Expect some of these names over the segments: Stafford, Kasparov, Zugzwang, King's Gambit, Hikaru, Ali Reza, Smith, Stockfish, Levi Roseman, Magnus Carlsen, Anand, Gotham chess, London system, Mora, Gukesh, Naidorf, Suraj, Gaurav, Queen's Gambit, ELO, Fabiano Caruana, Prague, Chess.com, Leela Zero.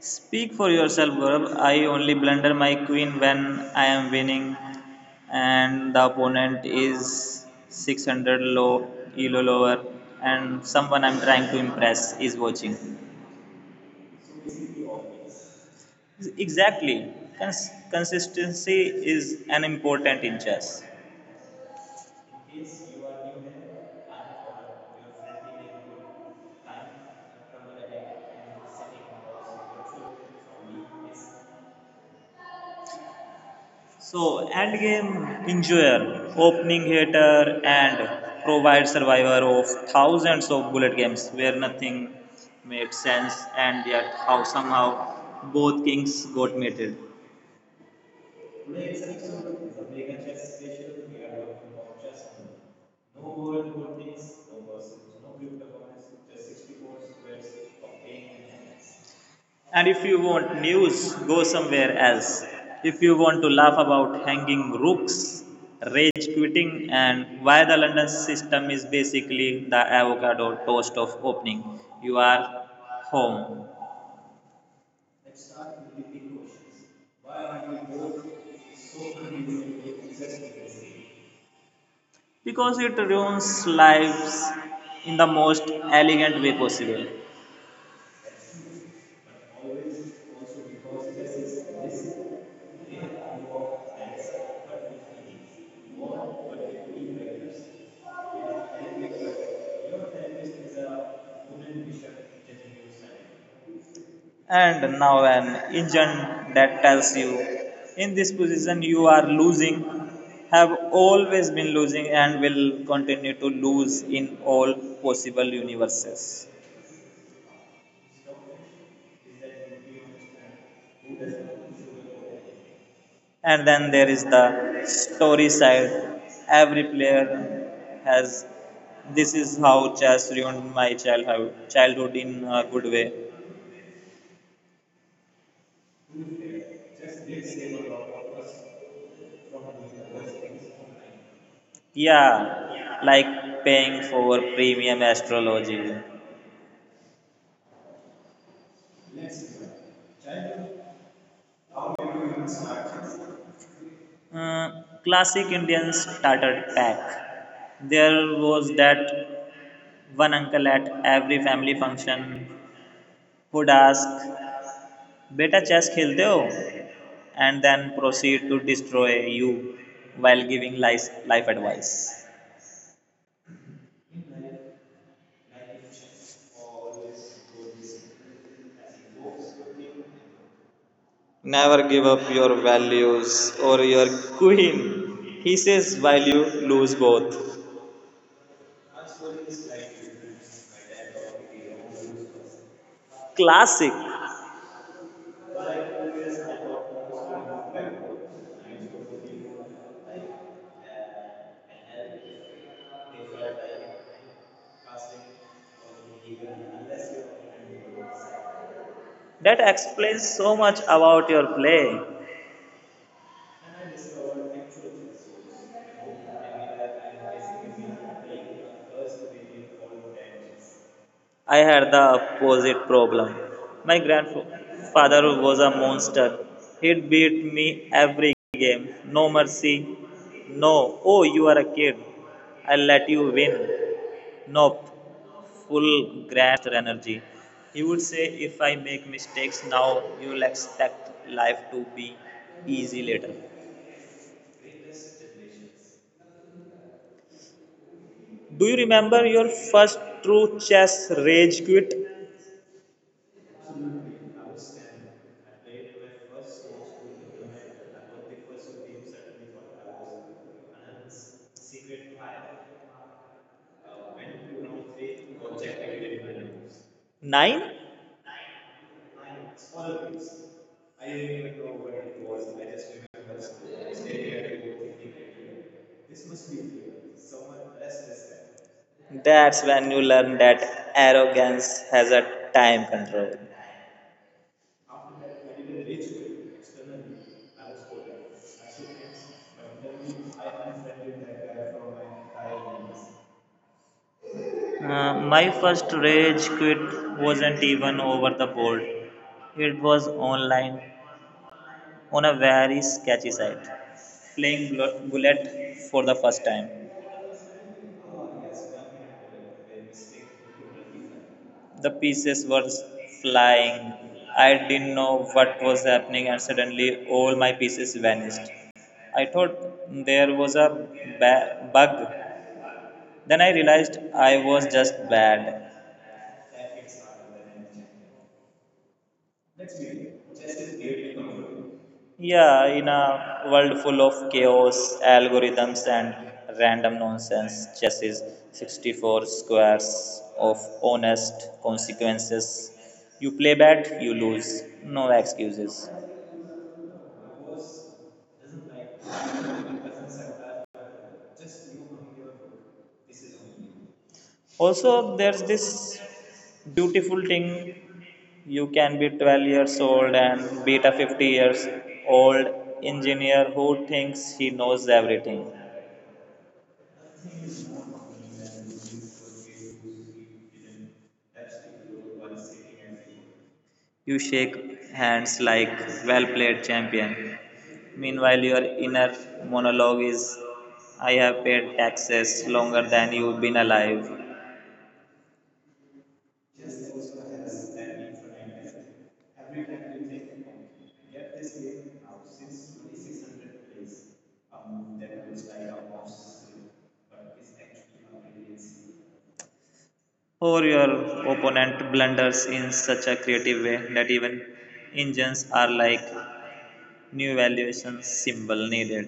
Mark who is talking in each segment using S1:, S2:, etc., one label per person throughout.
S1: Speak for yourself, Gaurav. I only blunder my queen when I am winning and the opponent is 600 ELO lower, and someone I'm trying to impress is watching. Exactly. Consistency is an important in chess. So, endgame enjoyer, opening hitter, and provide survivor of thousands of bullet games where nothing made sense and yet how somehow both kings got mated. And if you want news, go somewhere else. If you want to laugh about hanging rooks, rage quitting, and why the London system is basically the avocado toast of opening, you are home. Because it ruins lives in the most elegant way possible. And now, an engine that tells you in this position you are losing, have always been losing, and will continue to lose in all possible universes. And then there is the story side. Every player has this is how chess ruined my childhood in a good way. Yeah, like paying for premium astrology. Uh, Classic Indian starter pack. There was that one uncle at every family function would ask, Beta chess khelte ho? And then proceed to destroy you while giving life advice. Never give up your values or your queen. He says while you lose both. Classic. That explains so much about your play. I had the opposite problem. My grandfather was a monster. He'd beat me every game. No mercy. No. Oh, you are a kid. I'll let you win. Nope. Full grandmaster energy. He would say, if I make mistakes now, you'll expect life to be easy later. Do you remember your first true chess rage quit? Nine? That's when you learn that arrogance has a time control. My first rage quit wasn't even over the board, it was online on a very sketchy site, playing bullet for the first time. The pieces were flying. I didn't know what was happening, and suddenly all my pieces vanished. I thought there was a bug. Then I realized I was just bad. Yeah, in a world full of chaos, algorithms, and random nonsense, chess is 64 squares of honest consequences. You play bad, you lose. No excuses. Also, there's this beautiful thing, you can be 12 years old and beat a 50 years old engineer who thinks he knows everything. You shake hands like, well played, champion. Meanwhile, your inner monologue is, I have paid taxes longer than you've been alive. Or your opponent blunders in such a creative way that even engines are like, new valuation symbol needed.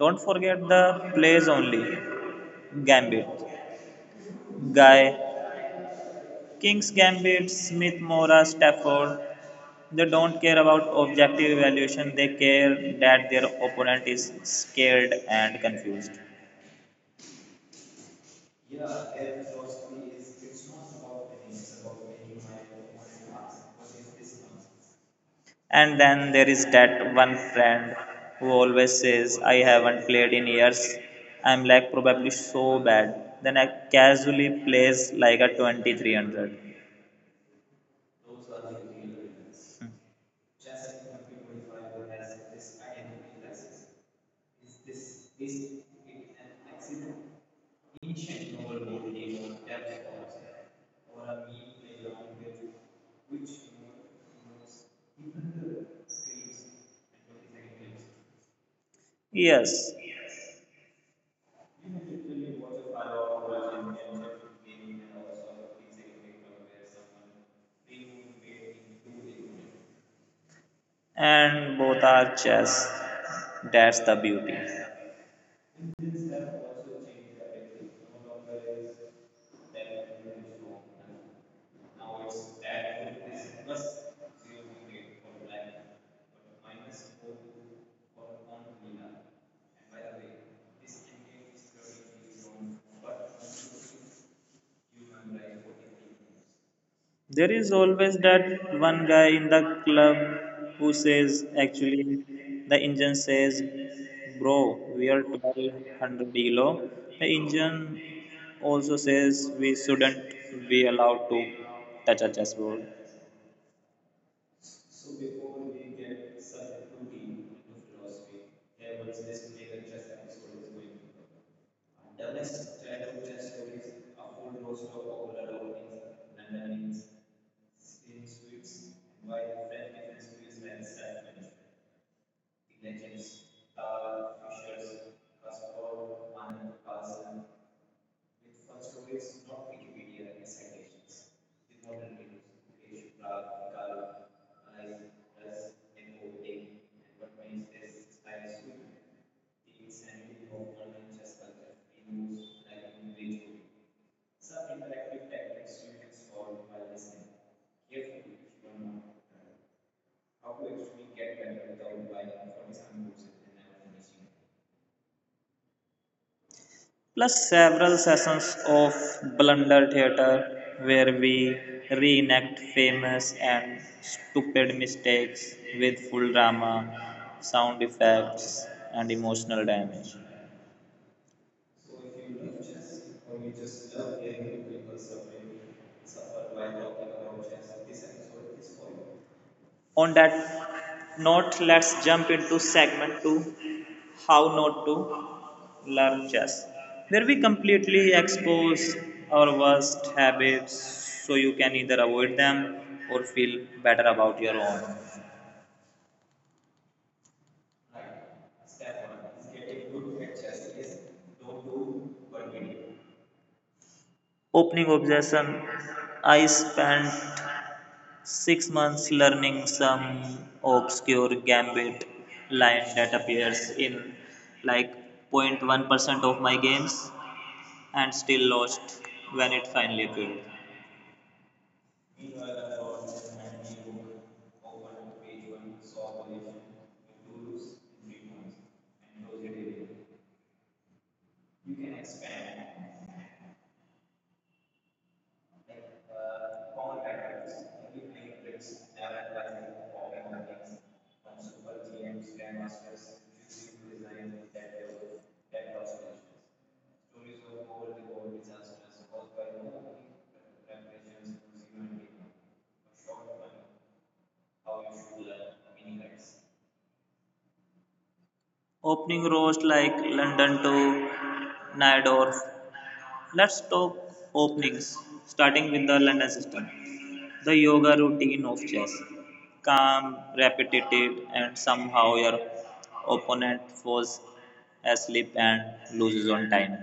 S1: Don't forget the plays only: Gambit, Guy, King's Gambit, Smith, Mora, Stafford. They don't care about objective evaluation, they care that their opponent is scared and confused. And then there is that one friend who always says, I haven't played in years. I'm like, probably so bad. Then I casually plays like a 2300. Yes, and both are chess. That's the beauty. There is always that one guy in the club who says, actually, the engine says, bro, we are 1200 below. The engine also says we shouldn't be allowed to touch a chessboard. Plus several sessions of Blunder Theatre where we reenact famous and stupid mistakes with full drama, sound effects, and emotional damage. On that note, let's jump into segment 2, How Not to Learn Chess, where we completely expose our worst habits so you can either avoid them or feel better about your own. Opening obsession. I spent 6 months learning some obscure gambit line that appears in like 0.1% of my games and still lost when it finally appeared. Opening rows like London to Naidorf. Let's talk openings, starting with the London system. The yoga routine of chess. Calm, repetitive, and somehow your opponent falls asleep and loses on time.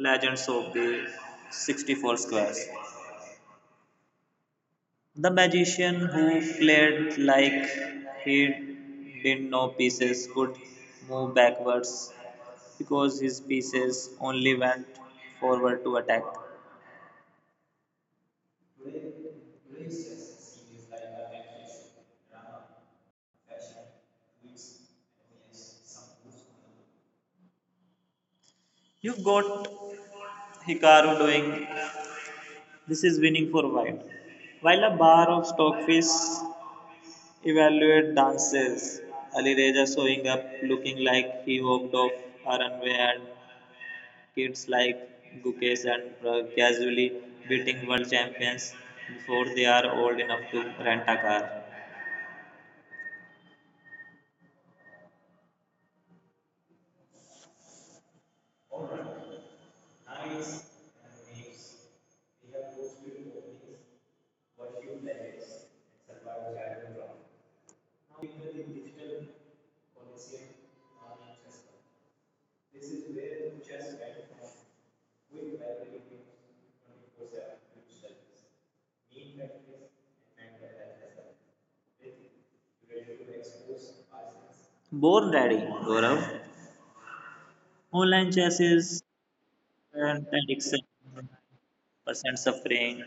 S1: Legends of the 64 squares. The magician who played like he did know pieces could move backwards because his pieces only went forward to attack. You've got Hikaru doing this is winning for white, while a bar of Stockfish evaluate dances, Ali Reza showing up looking like he walked off a runway, and kids like Gukesh and Prag casually beating world champions before they are old enough to rent a car. Born Daddy, Gaurav. Online chassis and addiction, percent suffering,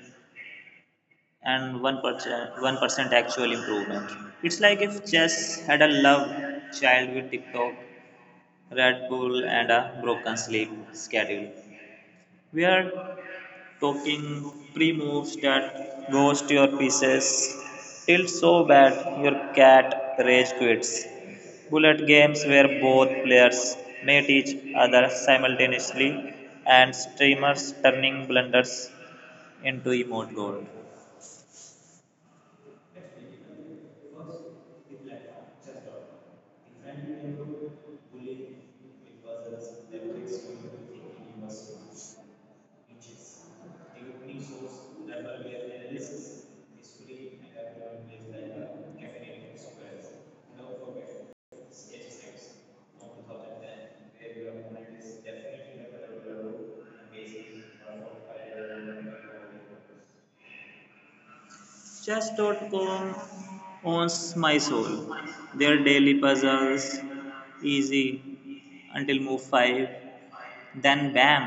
S1: and 1% actual improvement. It's like if chess had a love child with TikTok, Red Bull, and a broken sleep schedule. We are talking pre moves that ghost your pieces till so bad your cat rage quits. Bullet games where both players mate each other simultaneously and streamers turning blunders into emote gold. Chess.com owns my soul. Their daily puzzles easy until move 5, then bam!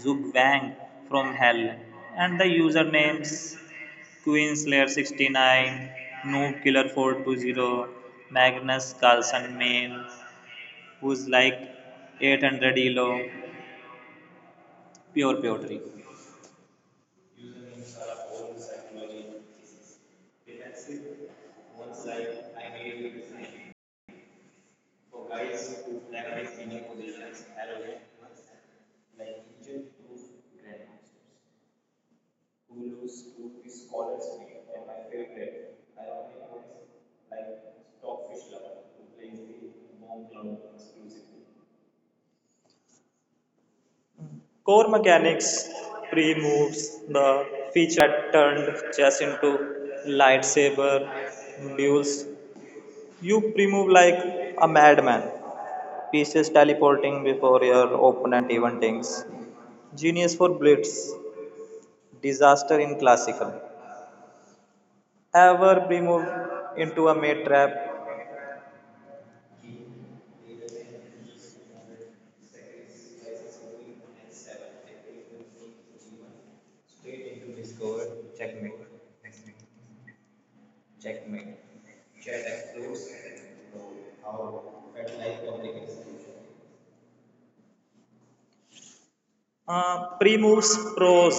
S1: Zugvang from Hell, and the usernames Queenslayer69, NoobKiller420, Magnus Carlsen Main, who's like 800 ELO, pure poetry. Core mechanics pre moves, the feature that turned chess into lightsaber duels. You pre move like a madman, pieces teleporting before your opponent even thinks. Genius for blitz, disaster in classical. Ever pre move into a mate trap? Pre moves pros.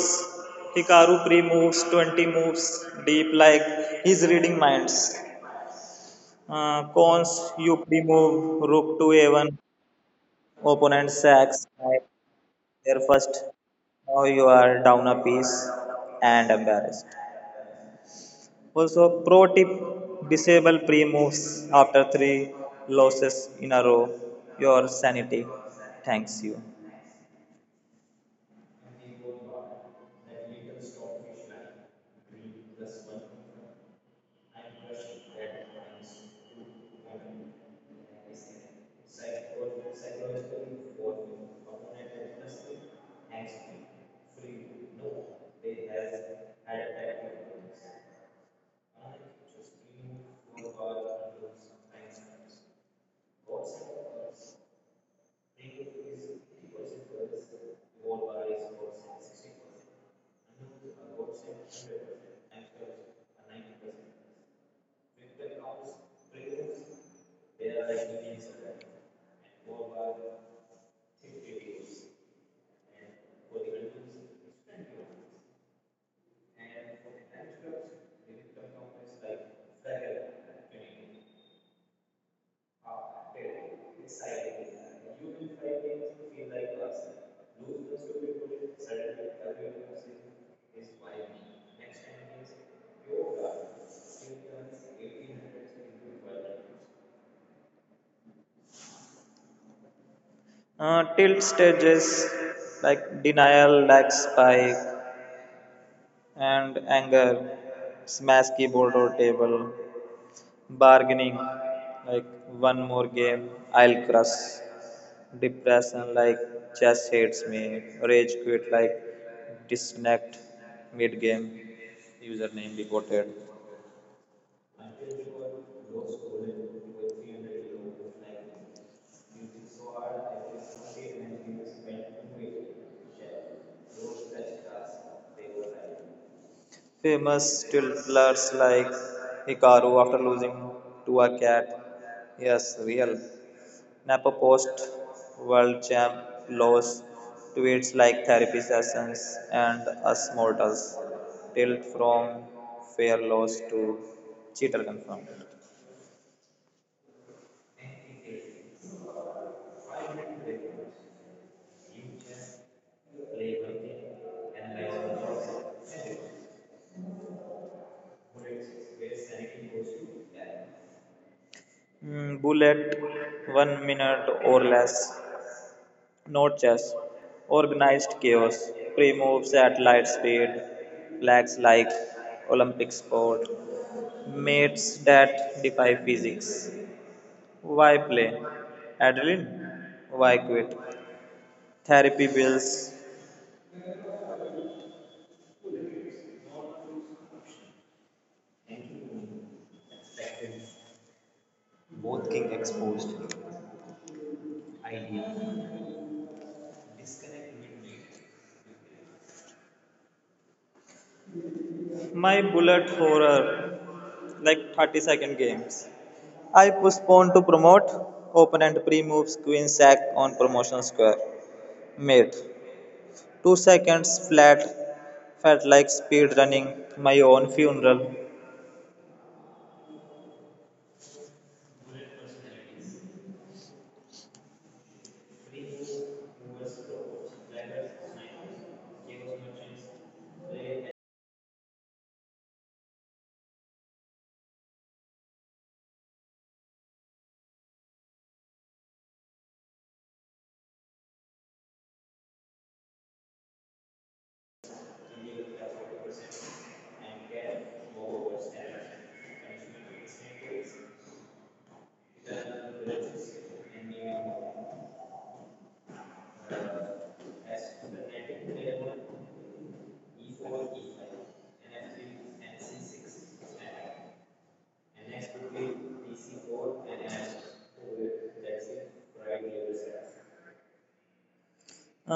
S1: Hikaru pre moves 20 moves deep like he's reading minds. Cons, you pre move rook to a1, opponent sacks their first. Now you are down a piece and embarrassed. Also, pro tip, disable pre moves after three losses in a row. Your sanity thanks you. Tilt stages like denial, lag spike, and anger, smash keyboard or table, bargaining like one more game, I'll crush, depression like chess hates me, rage quit like disconnect mid game, famous tiltlers like Hikaru after losing to a cat. Yes, real. Napo post world champ loss tweets like therapy sessions, and us mortals. Tilt from fair loss to cheater confirmed. Bullet 1 minute or less. Note chess. Organized chaos. Pre moves at light speed. Flags like Olympic sport. Mates that defy physics. Why play? Adeline? Why quit? Therapy bills, my bullet horror, like 30-second games. I postponed to promote opponent pre moves queen sack on promotion square. Mate, 2 seconds flat, felt like speed running my own funeral.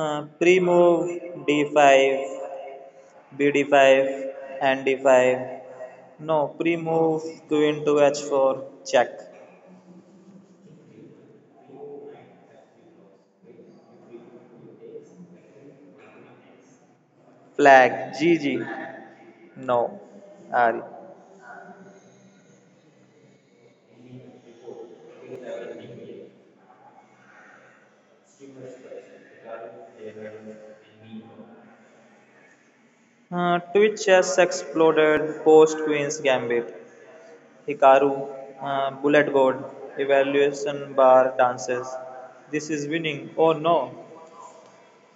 S1: Pre-move d5, bd5, and d5. No, pre-move queen to h4, check. Flag, gg. No, Ari. Twitch has exploded post Queen's Gambit. Hikaru, bullet board, evaluation bar dances. This is winning. Oh no.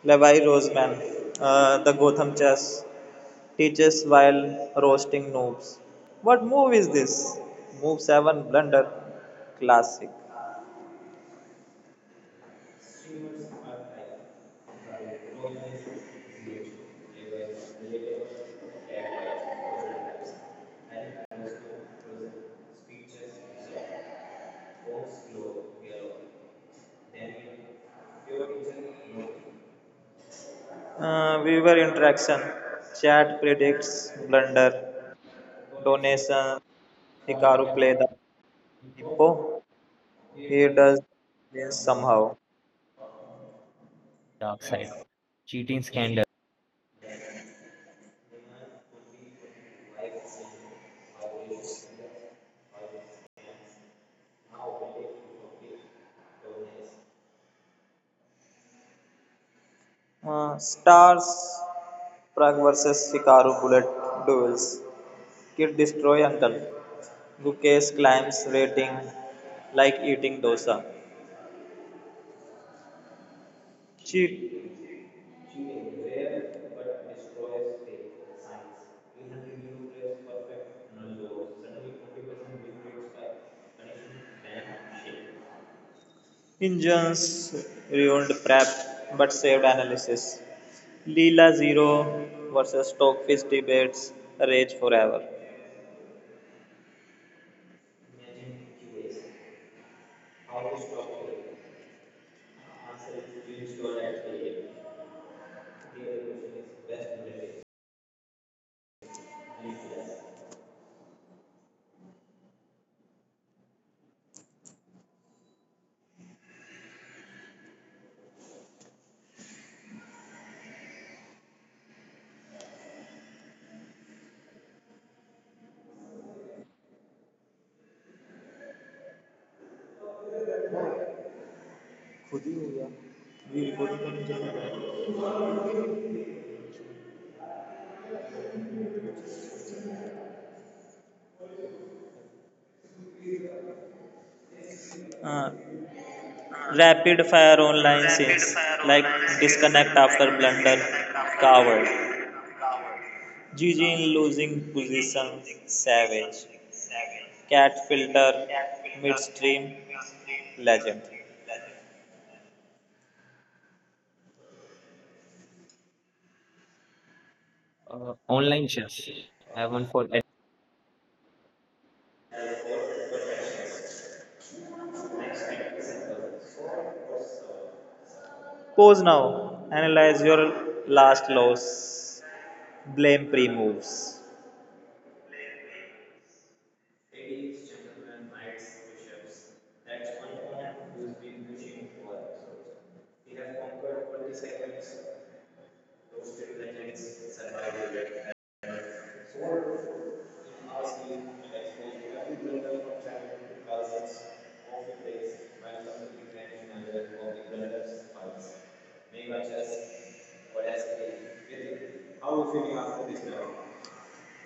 S1: Levi Roseman, the Gotham chess teaches while roasting noobs. What move is this? Move 7 blunder. Classic. Viewer interaction. Chat predicts
S2: Dark
S1: blunder. Donation. Hikaru play the hippo. He does win somehow.
S2: side. Cheating scandal.
S1: Stars. Prague versus Hikaru bullet duels. Kid destroy uncle. Gukesh climbs rating like eating dosa. Cheat engines ruined prep but saved analysis. Leela Zero versus Stockfish debates rage forever. Uh, Rapid fire online scenes like disconnect after blunder, coward. Gigi in losing position, savage. Cat filter midstream, legend.
S2: Online chess. I have one for
S1: Pause now. Analyze your last loss. Blame pre moves.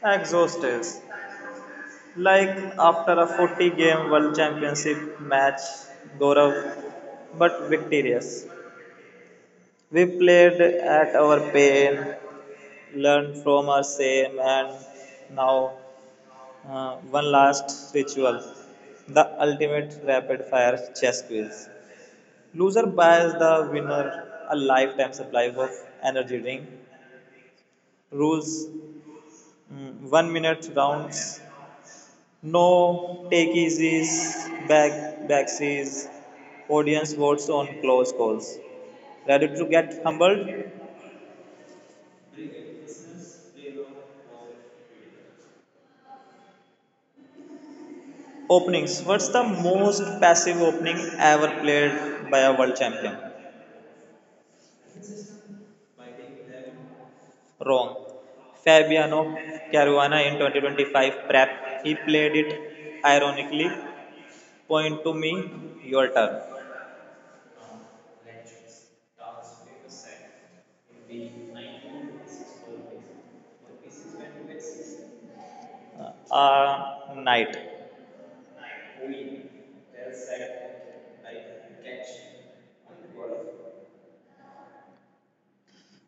S1: Exhausted. Like after a 40 game World Championship match, Gaurav, but victorious. We played at our pain, learned from our shame, and now, one last ritual, the ultimate rapid fire chess quiz. Loser buys the winner a lifetime supply of energy drink. Rules: mm, 1 minute rounds. No take easies, back backsies, audience votes on close calls. Ready to get humbled? Openings. What's the most passive opening ever played by a world champion? Wrong. Fabiano Caruana in 2025 prep. He played it ironically. Point to me, your turn. A night.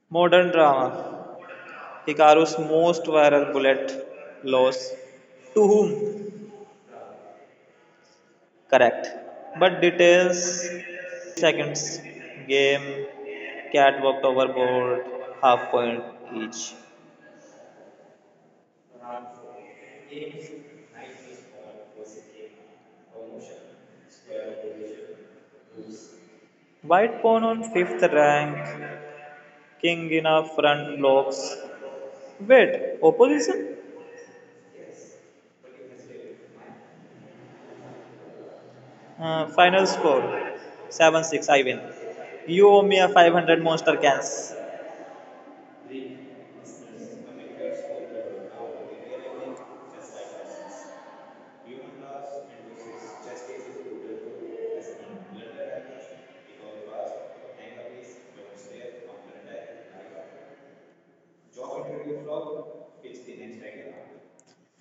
S1: Modern drama. Hikaru's most viral bullet loss. To whom? Correct. But details seconds. Game. Cat walked overboard. Half point each. White pawn on fifth rank. King in a front locks. Wait, opposition? Final score 7-6. I win. You owe me a 500 monster cans.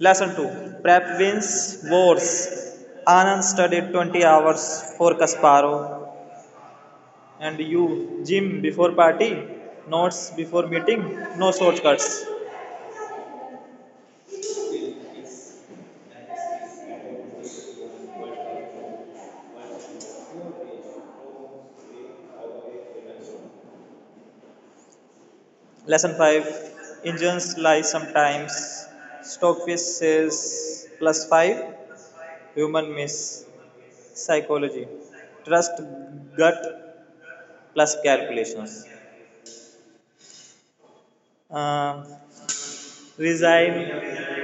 S1: Lesson 2, prep wins wars. Anand studied 20 hours for Kasparov. And you, gym before party, notes before meeting, no shortcuts. Lesson 5, engines lie sometimes. Stockfish says plus 5, human miss. Psychology, trust gut plus calculations. Um Resign.